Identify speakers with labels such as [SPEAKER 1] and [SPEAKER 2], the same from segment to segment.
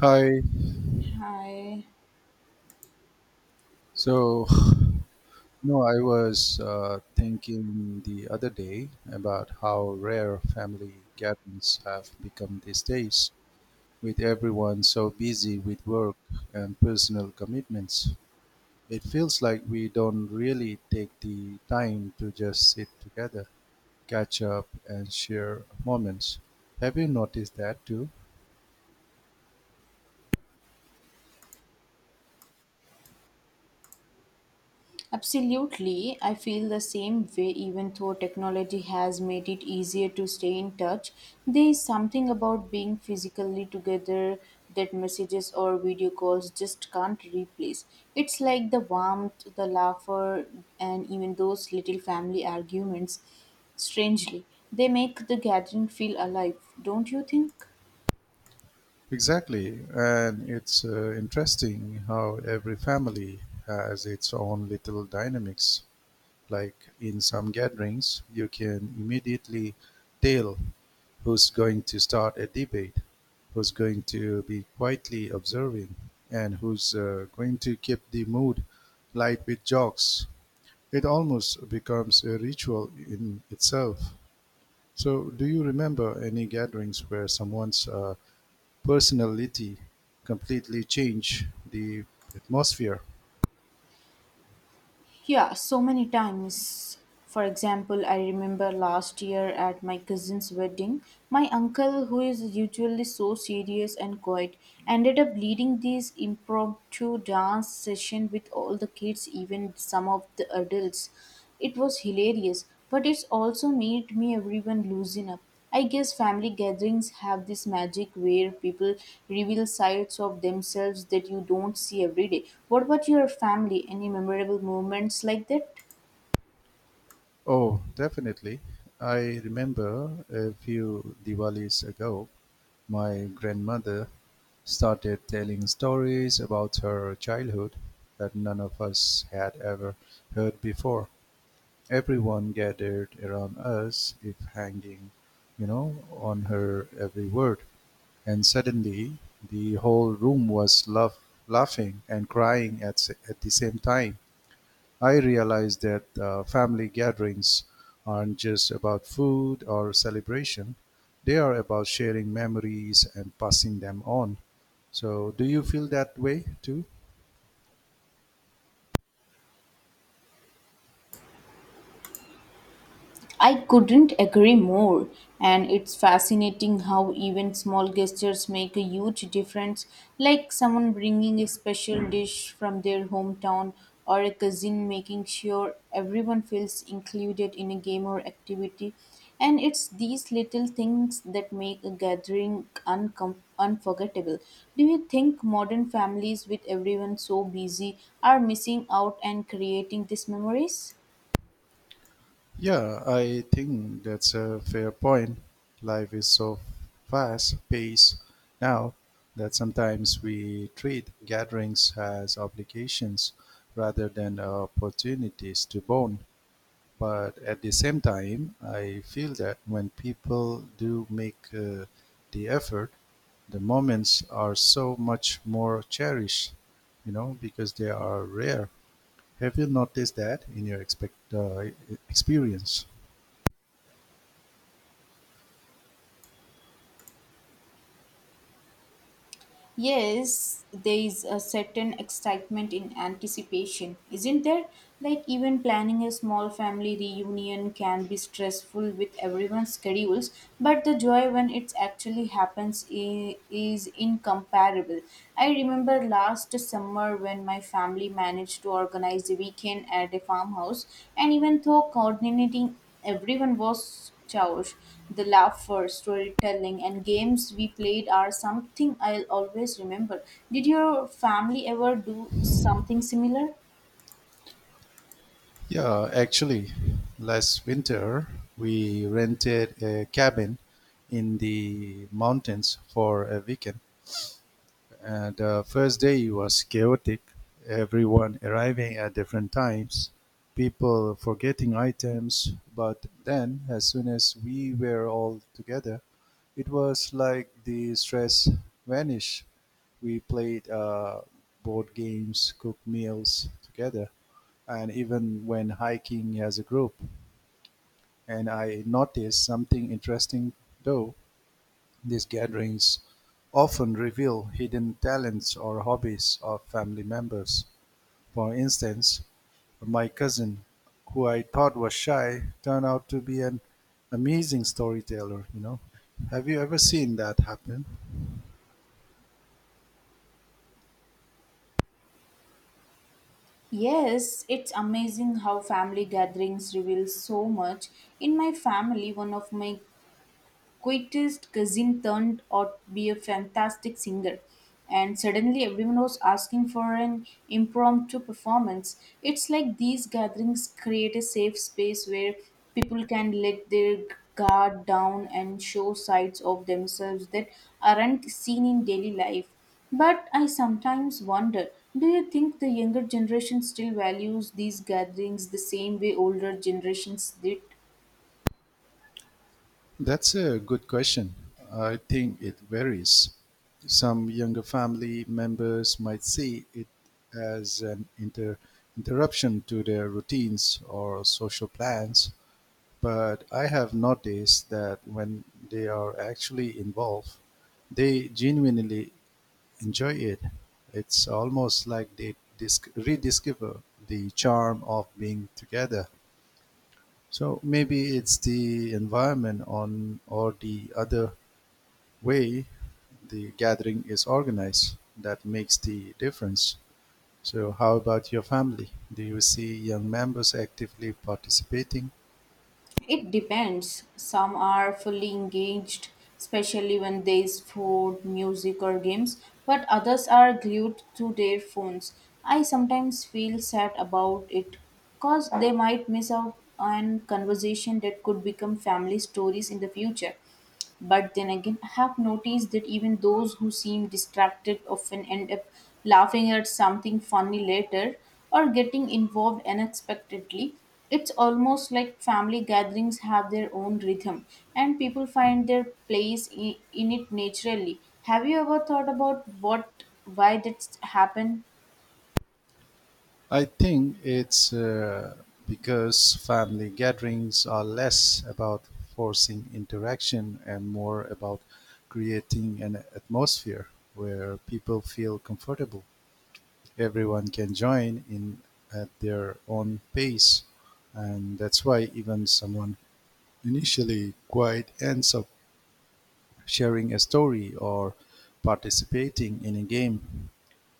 [SPEAKER 1] Hi.
[SPEAKER 2] Hi.
[SPEAKER 1] So, no, I was thinking the other day about how rare family gatherings have become these days, with everyone so busy with work and personal commitments. It feels like we don't really take the time to just sit together, catch up, and share moments. Have you noticed that too?
[SPEAKER 2] Absolutely. I feel the same way, even though technology has made it easier to stay in touch. There is something about being physically together that messages or video calls just can't replace. It's like the warmth, the laughter, and even those little family arguments. Strangely, they make the gathering feel alive, don't you think?
[SPEAKER 1] Exactly, and it's interesting how every family has its own little dynamics. Like in some gatherings, you can immediately tell who's going to start a debate, who's going to be quietly observing, and who's going to keep the mood light with jokes. It almost becomes a ritual in itself. So, do you remember any gatherings where someone's personality completely change the atmosphere?
[SPEAKER 2] Yeah, so many times. For example, I remember last year at my cousin's wedding, my uncle, who is usually so serious and quiet, ended up leading this impromptu dance session with all the kids, even some of the adults. It was hilarious, but it's also made me everyone loosen up. I guess family gatherings have this magic where people reveal sides of themselves that you don't see every day. What about your family? Any memorable moments like that?
[SPEAKER 1] Oh, definitely. I remember a few Diwalis ago, my grandmother started telling stories about her childhood that none of us had ever heard before. Everyone gathered around us, if hanging, on her every word. And suddenly the whole room was laughing and crying at the same time. I realized that family gatherings aren't just about food or celebration, they are about sharing memories and passing them on. So, do you feel that way too?
[SPEAKER 2] I couldn't agree more, and it's fascinating how even small gestures make a huge difference, like someone bringing a special dish from their hometown or a cousin making sure everyone feels included in a game or activity. And it's these little things that make a gathering unforgettable. Do you think modern families, with everyone so busy, are missing out and creating these memories?
[SPEAKER 1] Yeah, I think that's a fair point. Life is so fast paced now that sometimes we treat gatherings as obligations rather than opportunities to bond. But at the same time, I feel that when people do make the effort, the moments are so much more cherished, you know, because they are rare. Have you noticed that in your experience?
[SPEAKER 2] Yes, there is a certain excitement in anticipation, isn't there? Like, even planning a small family reunion can be stressful with everyone's schedules, but the joy when it actually happens is incomparable. I remember last summer when my family managed to organize a weekend at a farmhouse, and even though coordinating everyone was chores, the laughter, storytelling, and games we played are something I'll always remember. Did your family ever do something similar?
[SPEAKER 1] Yeah, actually, last winter we rented a cabin in the mountains for a weekend. And the first day was chaotic, everyone arriving at different times, people forgetting items. But then, as soon as we were all together, it was like the stress vanished. We played board games, cooked meals together and even when hiking as a group. And I noticed something interesting though these gatherings often reveal hidden talents or hobbies of family members. For instance, my cousin, who I thought was shy, turned out to be an amazing storyteller, you know. Have you ever seen that happen?
[SPEAKER 2] Yes, it's amazing how family gatherings reveal so much. In my family, one of my quietest cousin turned out to be a fantastic singer, and suddenly everyone was asking for an impromptu performance. It's like these gatherings create a safe space where people can let their guard down and show sides of themselves that aren't seen in daily life. But I sometimes wonder, do you think the younger generation still values these gatherings the same way older generations did?
[SPEAKER 1] That's a good question. I think it varies. Some younger family members might see it as an interruption to their routines or social plans, but I have noticed that when they are actually involved, they genuinely enjoy it. It's almost like they rediscover the charm of being together. So maybe it's the environment on or the other way the gathering is organized that makes the difference. So, how about your family? Do you see young members actively participating?
[SPEAKER 2] It depends. Some are fully engaged, especially when there is food, music, or games, but others are glued to their phones. I sometimes feel sad about it because they might miss out on conversation that could become family stories in the future. But then again, I have noticed that even those who seem distracted often end up laughing at something funny later or getting involved unexpectedly. It's almost like family gatherings have their own rhythm and people find their place in it naturally. Have you ever thought about what why that's happened?
[SPEAKER 1] I think it's because family gatherings are less about forcing interaction and more about creating an atmosphere where people feel comfortable. Everyone can join in at their own pace, and that's why even someone initially, Quaid ends up sharing a story or participating in a game.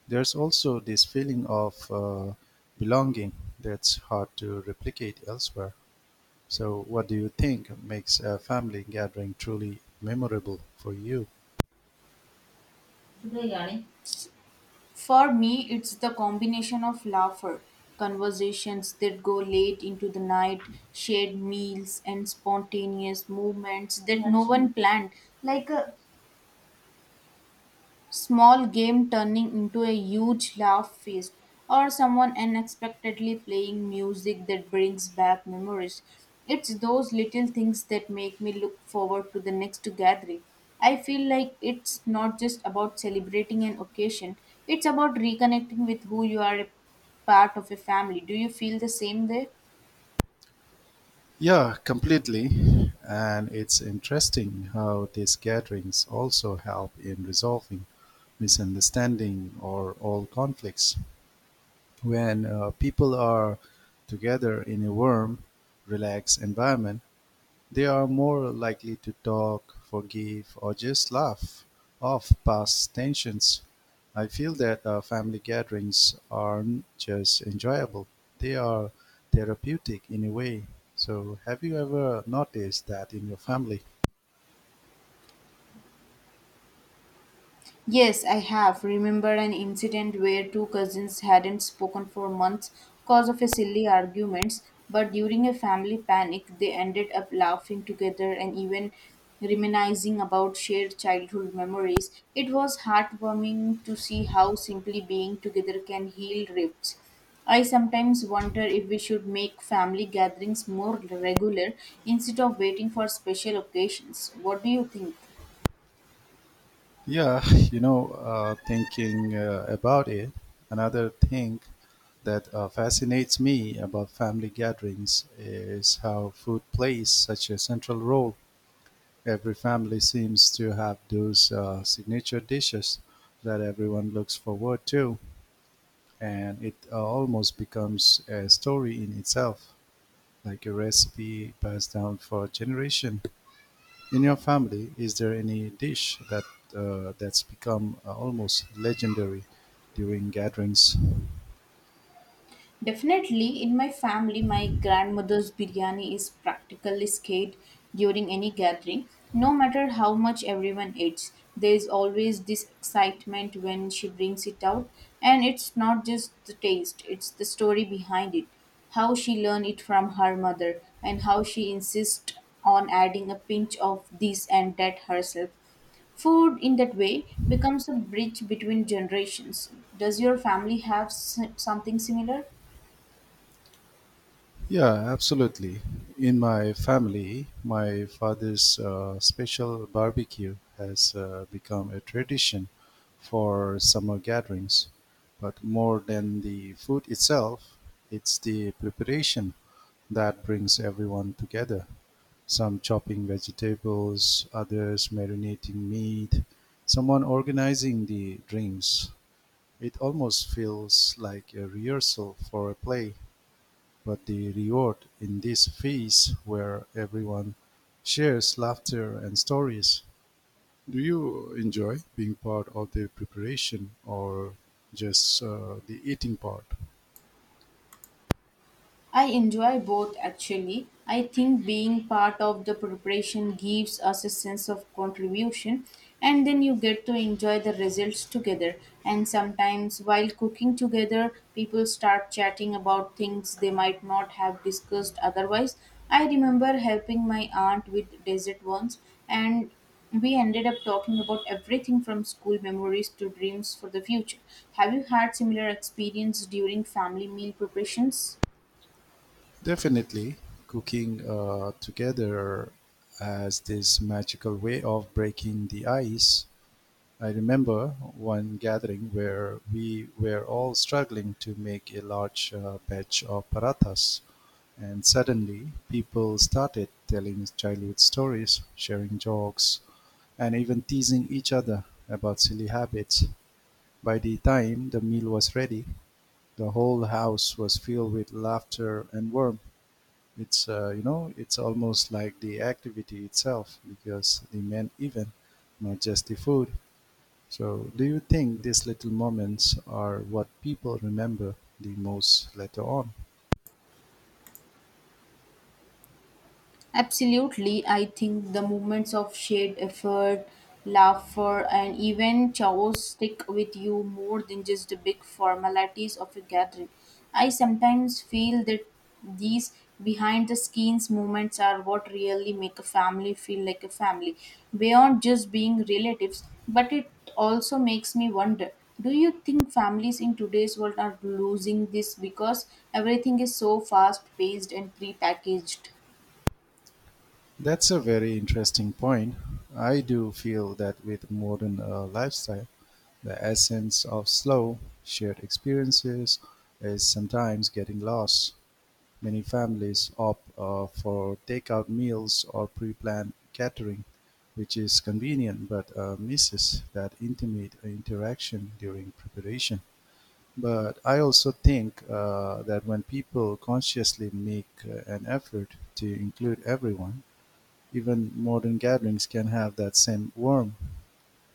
[SPEAKER 1] There's also this feeling of belonging that's hard to replicate elsewhere. So, what do you think makes a family gathering truly memorable for you?
[SPEAKER 2] For me, it's the combination of laughter, conversations that go late into the night, shared meals, and spontaneous movements that no one planned, like a small game turning into a huge laugh feast, or someone unexpectedly playing music that brings back memories. It's those little things that make me look forward to the next gathering. I feel like it's not just about celebrating an occasion, it's about reconnecting with who you are a part of a family. Do you feel the same way?
[SPEAKER 1] Yeah, completely. And it's interesting how these gatherings also help in resolving misunderstanding or all conflicts. When people are together in a warm, relaxed environment, they are more likely to talk, forgive, or just laugh off past tensions. I feel that family gatherings aren't just enjoyable, they are therapeutic in a way. So, have you ever noticed that in your family?
[SPEAKER 2] Yes, I have. Remember an incident where two cousins hadn't spoken for months because of a silly arguments, but during a family panic, they ended up laughing together and even reminiscing about shared childhood memories. It was heartwarming to see how simply being together can heal rifts. I sometimes wonder if we should make family gatherings more regular instead of waiting for special occasions. What do you think?
[SPEAKER 1] Yeah, thinking about it, another thing that fascinates me about family gatherings is how food plays such a central role. Every family seems to have those signature dishes that everyone looks forward to, and it almost becomes a story in itself, like a recipe passed down for generation. In your family, is there any dish that that's become almost legendary during gatherings?
[SPEAKER 2] Definitely, in my family, my grandmother's biryani is practically scared during any gathering. No matter how much everyone eats, there is always this excitement when she brings it out. And it's not just the taste, it's the story behind it. How she learned it from her mother, and how she insists on adding a pinch of this and that herself. Food in that way becomes a bridge between generations. Does your family have something similar?
[SPEAKER 1] Yeah, absolutely. In my family, my father's special barbecue has become a tradition for summer gatherings. But more than the food itself, it's the preparation that brings everyone together. Some chopping vegetables, others marinating meat, someone organizing the drinks. It almost feels like a rehearsal for a play. But the reward in this phase where everyone shares laughter and stories. Do you enjoy being part of the preparation or just the eating part?
[SPEAKER 2] I enjoy both actually. I think being part of the preparation gives us a sense of contribution, and then you get to enjoy the results together. And sometimes, while cooking together, people start chatting about things they might not have discussed otherwise. I remember helping my aunt with dessert once, and we ended up talking about everything from school memories to dreams for the future. Have you had similar experience during family meal preparations?
[SPEAKER 1] Definitely, cooking together as this magical way of breaking the ice. I remember one gathering where we were all struggling to make a large batch of parathas, and suddenly people started telling childhood stories, sharing jokes, and even teasing each other about silly habits. By the time the meal was ready, the whole house was filled with laughter and warmth. It's almost like the activity itself because the main event, not just the food. So, do you think these little moments are what people remember the most later on?
[SPEAKER 2] Absolutely, I think the moments of shared effort, laughter, and even chaos stick with you more than just the big formalities of a gathering. I sometimes feel that these behind the scenes moments are what really make a family feel like a family, beyond just being relatives. But it also makes me wonder, do you think families in today's world are losing this because everything is so fast paced and pre packaged?
[SPEAKER 1] That's a very interesting point. I do feel that with modern lifestyle, the essence of slow, shared experiences is sometimes getting lost. Many families opt for takeout meals or pre planned catering, which is convenient but misses that intimate interaction during preparation. But I also think that when people consciously make an effort to include everyone, even modern gatherings can have that same warmth.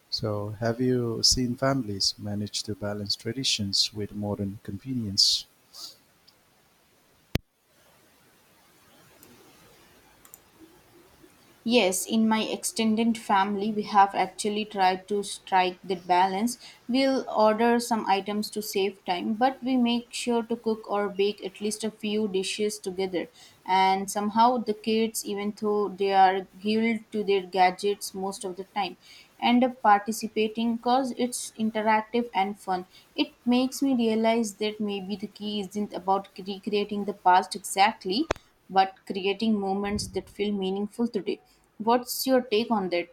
[SPEAKER 1] So, have you seen families manage to balance traditions with modern convenience?
[SPEAKER 2] Yes, in my extended family, we have actually tried to strike that balance. We'll order some items to save time, but we make sure to cook or bake at least a few dishes together. And somehow, the kids, even though they are glued to their gadgets most of the time, end up participating because it's interactive and fun. It makes me realize that maybe the key isn't about recreating the past exactly but creating moments that feel meaningful today. What's your take on that?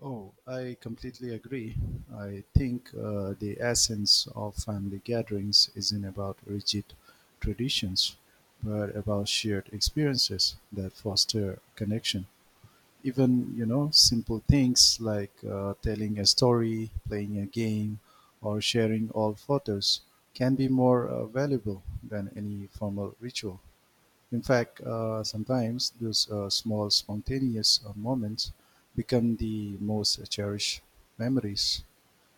[SPEAKER 1] Oh, I completely agree. I think the essence of family gatherings isn't about rigid traditions, but about shared experiences that foster connection. Even simple things like telling a story, playing a game, or sharing old photos can be more valuable than any formal ritual. In fact, sometimes those small spontaneous moments become the most cherished memories.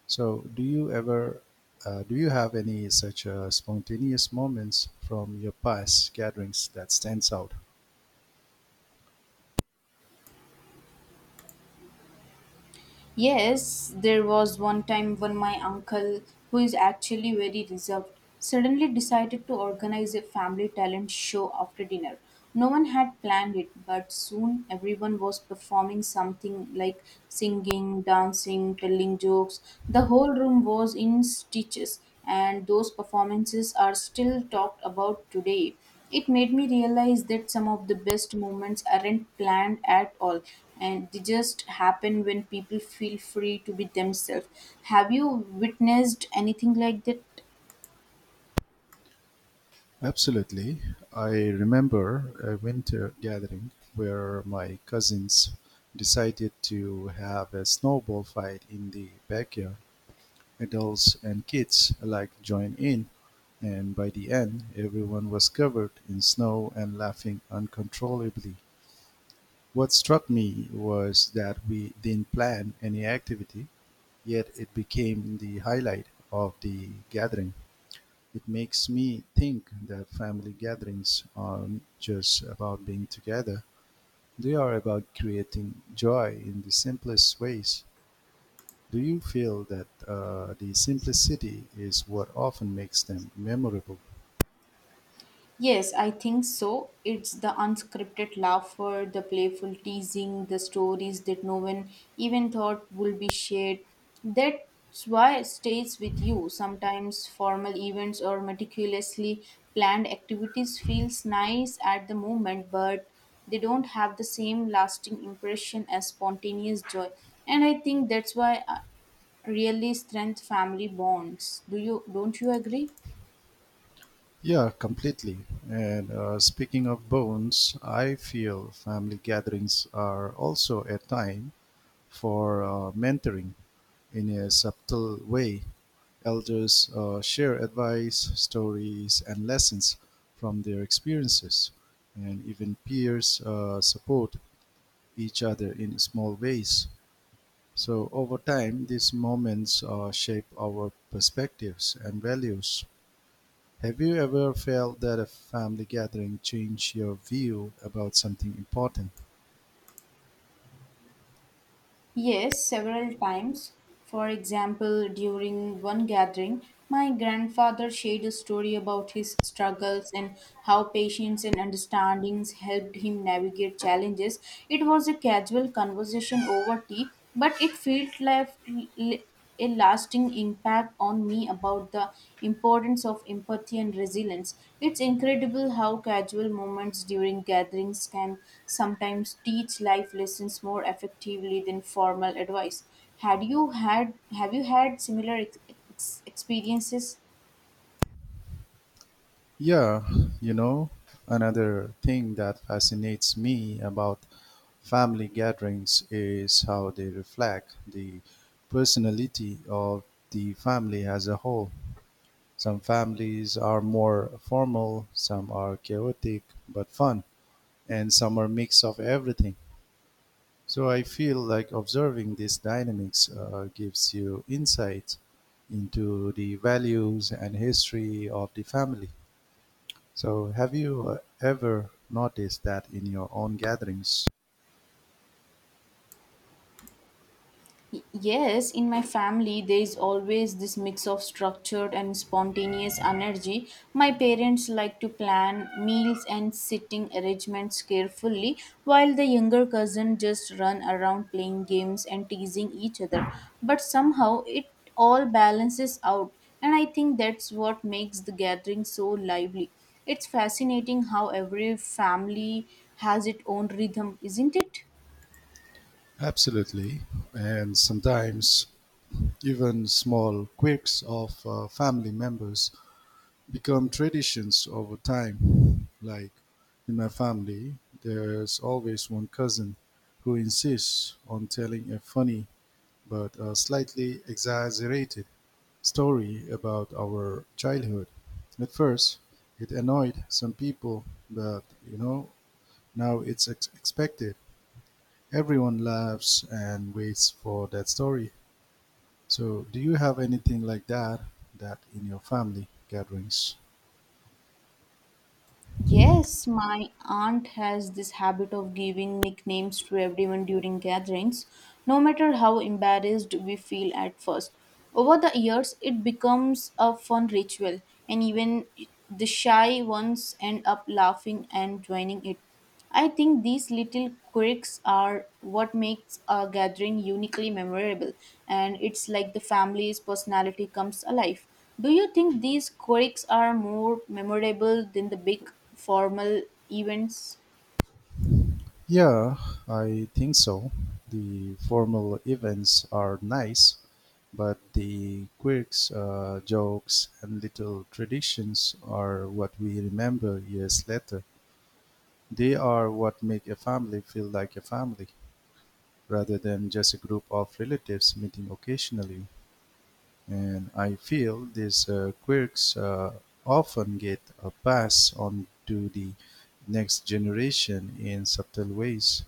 [SPEAKER 1] So do you ever do you have any such spontaneous moments from your past gatherings that stands out?
[SPEAKER 2] Yes, there was one time when my uncle, who is actually very reserved, suddenly decided to organize a family talent show after dinner. No one had planned it, but soon everyone was performing something like singing, dancing, telling jokes. The whole room was in stitches, and those performances are still talked about today. It made me realize that some of the best moments aren't planned at all and they just happen when people feel free to be themselves. Have you witnessed anything like that?
[SPEAKER 1] Absolutely. I remember a winter gathering where my cousins decided to have a snowball fight in the backyard. Adults and kids alike joined in, and by the end, everyone was covered in snow and laughing uncontrollably. What struck me was that we didn't plan any activity, yet it became the highlight of the gathering. It makes me think that family gatherings aren't just about being together, they are about creating joy in the simplest ways. Do you feel that the simplicity is what often makes them memorable?
[SPEAKER 2] Yes, I think so. It's the unscripted laughter, the playful teasing, the stories that no one even thought would be shared. That's why it stays with you. Sometimes formal events or meticulously planned activities feels nice at the moment, but they don't have the same lasting impression as spontaneous joy. And I think that's why really strength family bonds. Do you don't you agree?
[SPEAKER 1] Yeah, completely. And speaking of bones, I feel family gatherings are also a time for mentoring in a subtle way. Elders share advice, stories, and lessons from their experiences, and even peers support each other in small ways. So, over time, these moments shape our perspectives and values. Have you ever felt that a family gathering changed your view about something important?
[SPEAKER 2] Yes, several times. For example, during one gathering, my grandfather shared a story about his struggles and how patience and understandings helped him navigate challenges. It was a casual conversation over tea, but it felt like a lasting impact on me about the importance of empathy and resilience. It's incredible how casual moments during gatherings can sometimes teach life lessons more effectively than formal advice. Had you had Have you had similar experiences?
[SPEAKER 1] Yeah, you know, another thing that fascinates me about family gatherings is how they reflect the personality of the family as a whole. Some families are more formal, some are chaotic but fun, and some are mix of everything. So I feel like observing these dynamics gives you insight into the values and history of the family. So, have you ever noticed that in your own gatherings?
[SPEAKER 2] Yes, in my family, there is always this mix of structured and spontaneous energy. My parents like to plan meals and sitting arrangements carefully, while the younger cousin just run around playing games and teasing each other. But somehow it all balances out, and I think that's what makes the gathering so lively. It's fascinating how every family has its own rhythm, isn't it?
[SPEAKER 1] Absolutely. And sometimes even small quirks of family members become traditions over time. Like in my family, there's always one cousin who insists on telling a funny but slightly exaggerated story about our childhood. At first, it annoyed some people, but you know, now it's expected. Everyone laughs and waits for that story. So, do you have anything like that in your family gatherings?
[SPEAKER 2] Yes, my aunt has this habit of giving nicknames to everyone during gatherings, no matter how embarrassed we feel at first. Over the years, it becomes a fun ritual, and even the shy ones end up laughing and joining it. I think these little quirks are what makes a gathering uniquely memorable, and it's like the family's personality comes alive. Do you think these quirks are more memorable than the big formal events?
[SPEAKER 1] Yeah, I think so. The formal events are nice, but the quirks, jokes, and little traditions are what we remember years later. They are what make a family feel like a family rather than just a group of relatives meeting occasionally. And I feel these quirks often get a pass on to the next generation in subtle ways.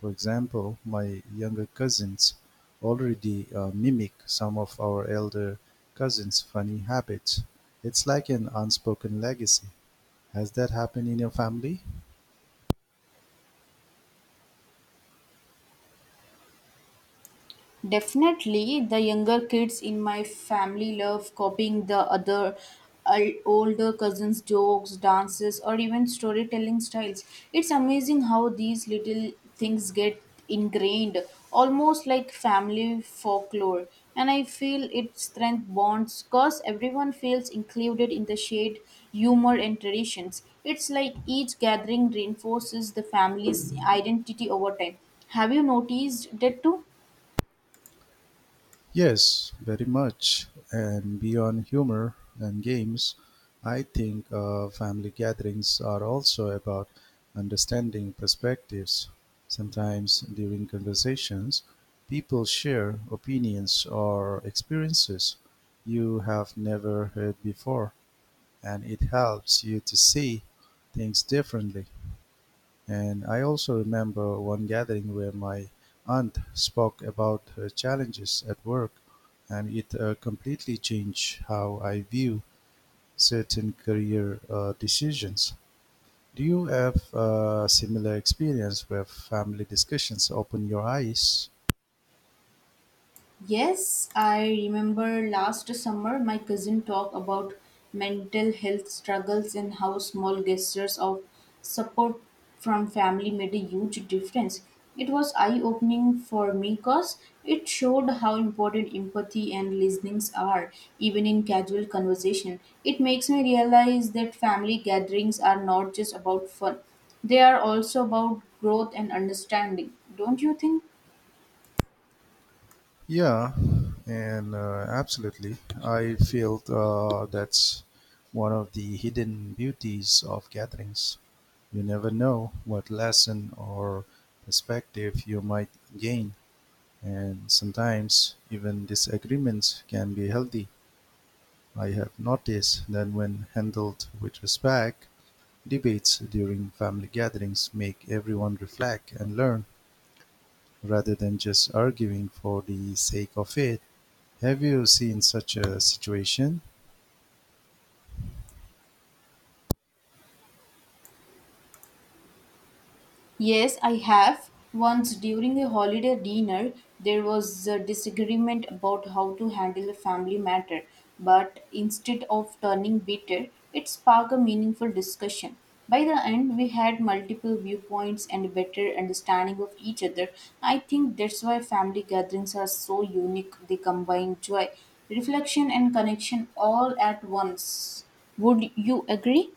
[SPEAKER 1] For example, my younger cousins already mimic some of our elder cousins' funny habits. It's like an unspoken legacy. Has that happened in your family?
[SPEAKER 2] Definitely, the younger kids in my family love copying the other older cousins' jokes, dances, or even storytelling styles. It's amazing how these little things get ingrained, almost like family folklore. And I feel it strength bonds because everyone feels included in the shared humor and traditions. It's like each gathering reinforces the family's identity over time. Have you noticed that too?
[SPEAKER 1] Yes, very much. And beyond humor and games, I think family gatherings are also about understanding perspectives. Sometimes during conversations, people share opinions or experiences you have never heard before, and it helps you to see things differently. And I also remember one gathering where my aunt spoke about her challenges at work, and it completely changed how I view certain career decisions. Do you have a similar experience where family discussions open your eyes?
[SPEAKER 2] Yes, I remember last summer my cousin talked about mental health struggles and how small gestures of support from family made a huge difference. It was eye opening for me because it showed how important empathy and listenings are, even in casual conversation. It makes me realize that family gatherings are not just about fun, they are also about growth and understanding. Don't you think?
[SPEAKER 1] Yeah, and Absolutely. I feel that's one of the hidden beauties of gatherings. You never know what lesson or perspective you might gain, and sometimes even disagreements can be healthy. I have noticed that when handled with respect, debates during family gatherings make everyone reflect and learn rather than just arguing for the sake of it. Have you seen such a situation?
[SPEAKER 2] Yes, I have. Once during a holiday dinner, there was a disagreement about how to handle a family matter, but instead of turning bitter, it sparked a meaningful discussion. By the end, we had multiple viewpoints and a better understanding of each other. I think that's why family gatherings are so unique. They combine joy, reflection, and connection all at once. Would you agree?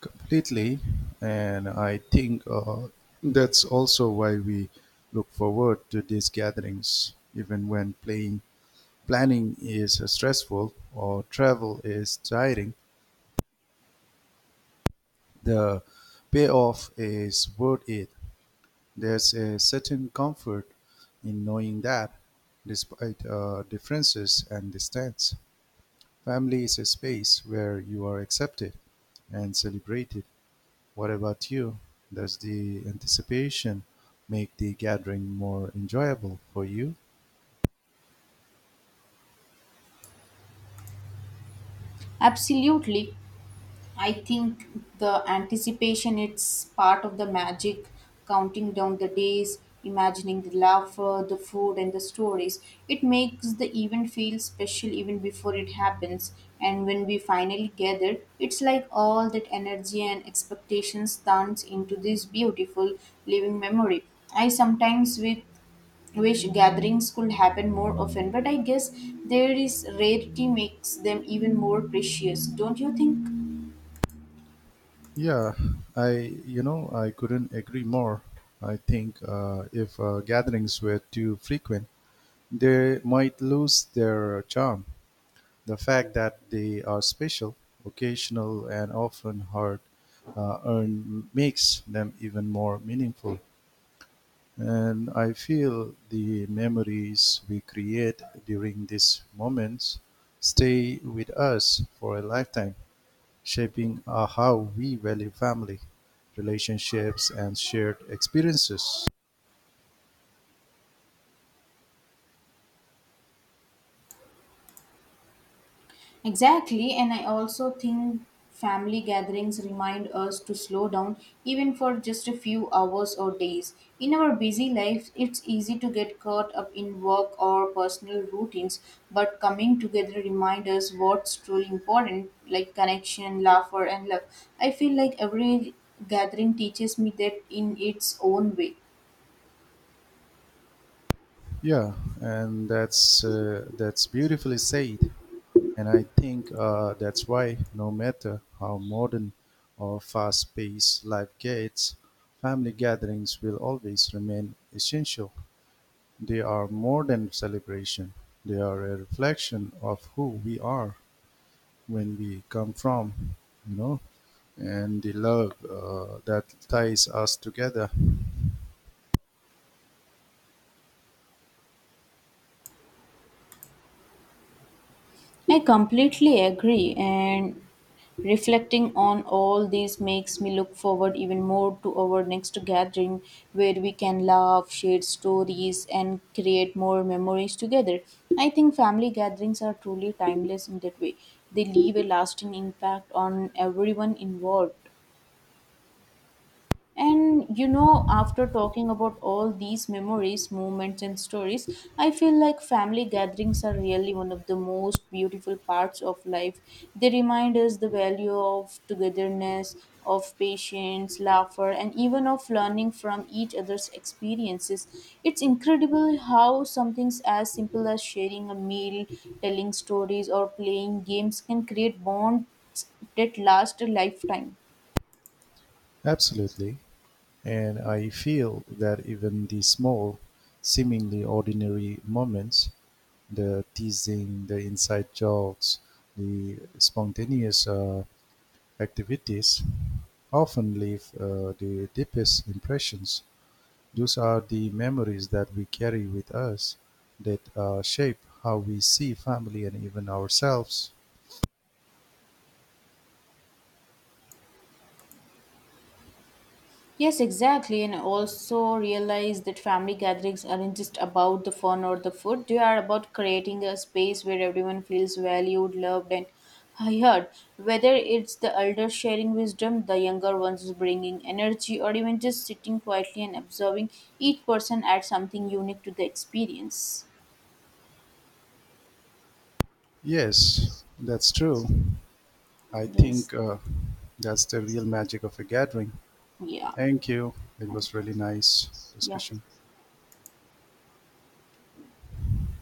[SPEAKER 1] Completely. And I think that's also why we look forward to these gatherings, even when planning is stressful or travel is tiring. The payoff is worth it. There's a certain comfort in knowing that, despite differences and distance, family is a space where you are accepted and celebrated. What about you? Does the anticipation make the gathering more enjoyable for you?
[SPEAKER 2] Absolutely. I think the anticipation it's part of the magic, counting down the days, imagining the laughter, the food and the stories. It makes the event feel special even before it happens and when we finally gather, it's like all that energy and expectations turns into this beautiful living memory. I sometimes with wish gatherings could happen more often, but I guess there is rarity makes them even more precious, don't you think?
[SPEAKER 1] Yeah, I you know I couldn't agree more. I think if gatherings were too frequent, they might lose their charm. The fact that they are special, occasional, and often hard earned makes them even more meaningful. And I feel the memories we create during these moments stay with us for a lifetime, shaping how we value family, relationships, and shared experiences.
[SPEAKER 2] Exactly, and I also think family gatherings remind us to slow down even for just a few hours or days. In our busy lives, it's easy to get caught up in work or personal routines, but coming together reminds us what's truly important, like connection, laughter, and love. I feel like every gathering teaches me that in its own way.
[SPEAKER 1] Yeah, and that's That's beautifully said. And I think that's why, no matter how modern or fast-paced life gets, family gatherings will always remain essential. They are more than a celebration, they are a reflection of who we are, when we come from, you know, and the love that ties us together.
[SPEAKER 2] I completely agree, and reflecting on all this makes me look forward even more to our next gathering where we can laugh, share stories, and create more memories together. I think family gatherings are truly timeless in that way, they leave a lasting impact on everyone involved. And you know, after talking about all these memories, moments, and stories, I feel like family gatherings are really one of the most beautiful parts of life. They remind us the value of togetherness, of patience, laughter, and even of learning from each other's experiences. It's incredible how something as simple as sharing a meal, telling stories, or playing games can create bonds that last a lifetime.
[SPEAKER 1] Absolutely. And I feel that even the small, seemingly ordinary moments, the teasing, the inside jokes, the spontaneous activities, often leave the deepest impressions. Those are the memories that we carry with us that shape how we see family and even ourselves.
[SPEAKER 2] Yes, exactly. And also realize that family gatherings aren't just about the fun or the food. They are about creating a space where everyone feels valued, loved, and heard. Whether it's the elder sharing wisdom, the younger ones bringing energy, or even just sitting quietly and observing, each person adds something unique to the experience.
[SPEAKER 1] Yes, that's true. I
[SPEAKER 2] Yes.
[SPEAKER 1] think that's the real magic of a gathering.
[SPEAKER 2] Yeah.
[SPEAKER 1] Thank you. It
[SPEAKER 2] Thank
[SPEAKER 1] was
[SPEAKER 2] you.
[SPEAKER 1] really nice
[SPEAKER 2] Yeah.
[SPEAKER 1] discussion.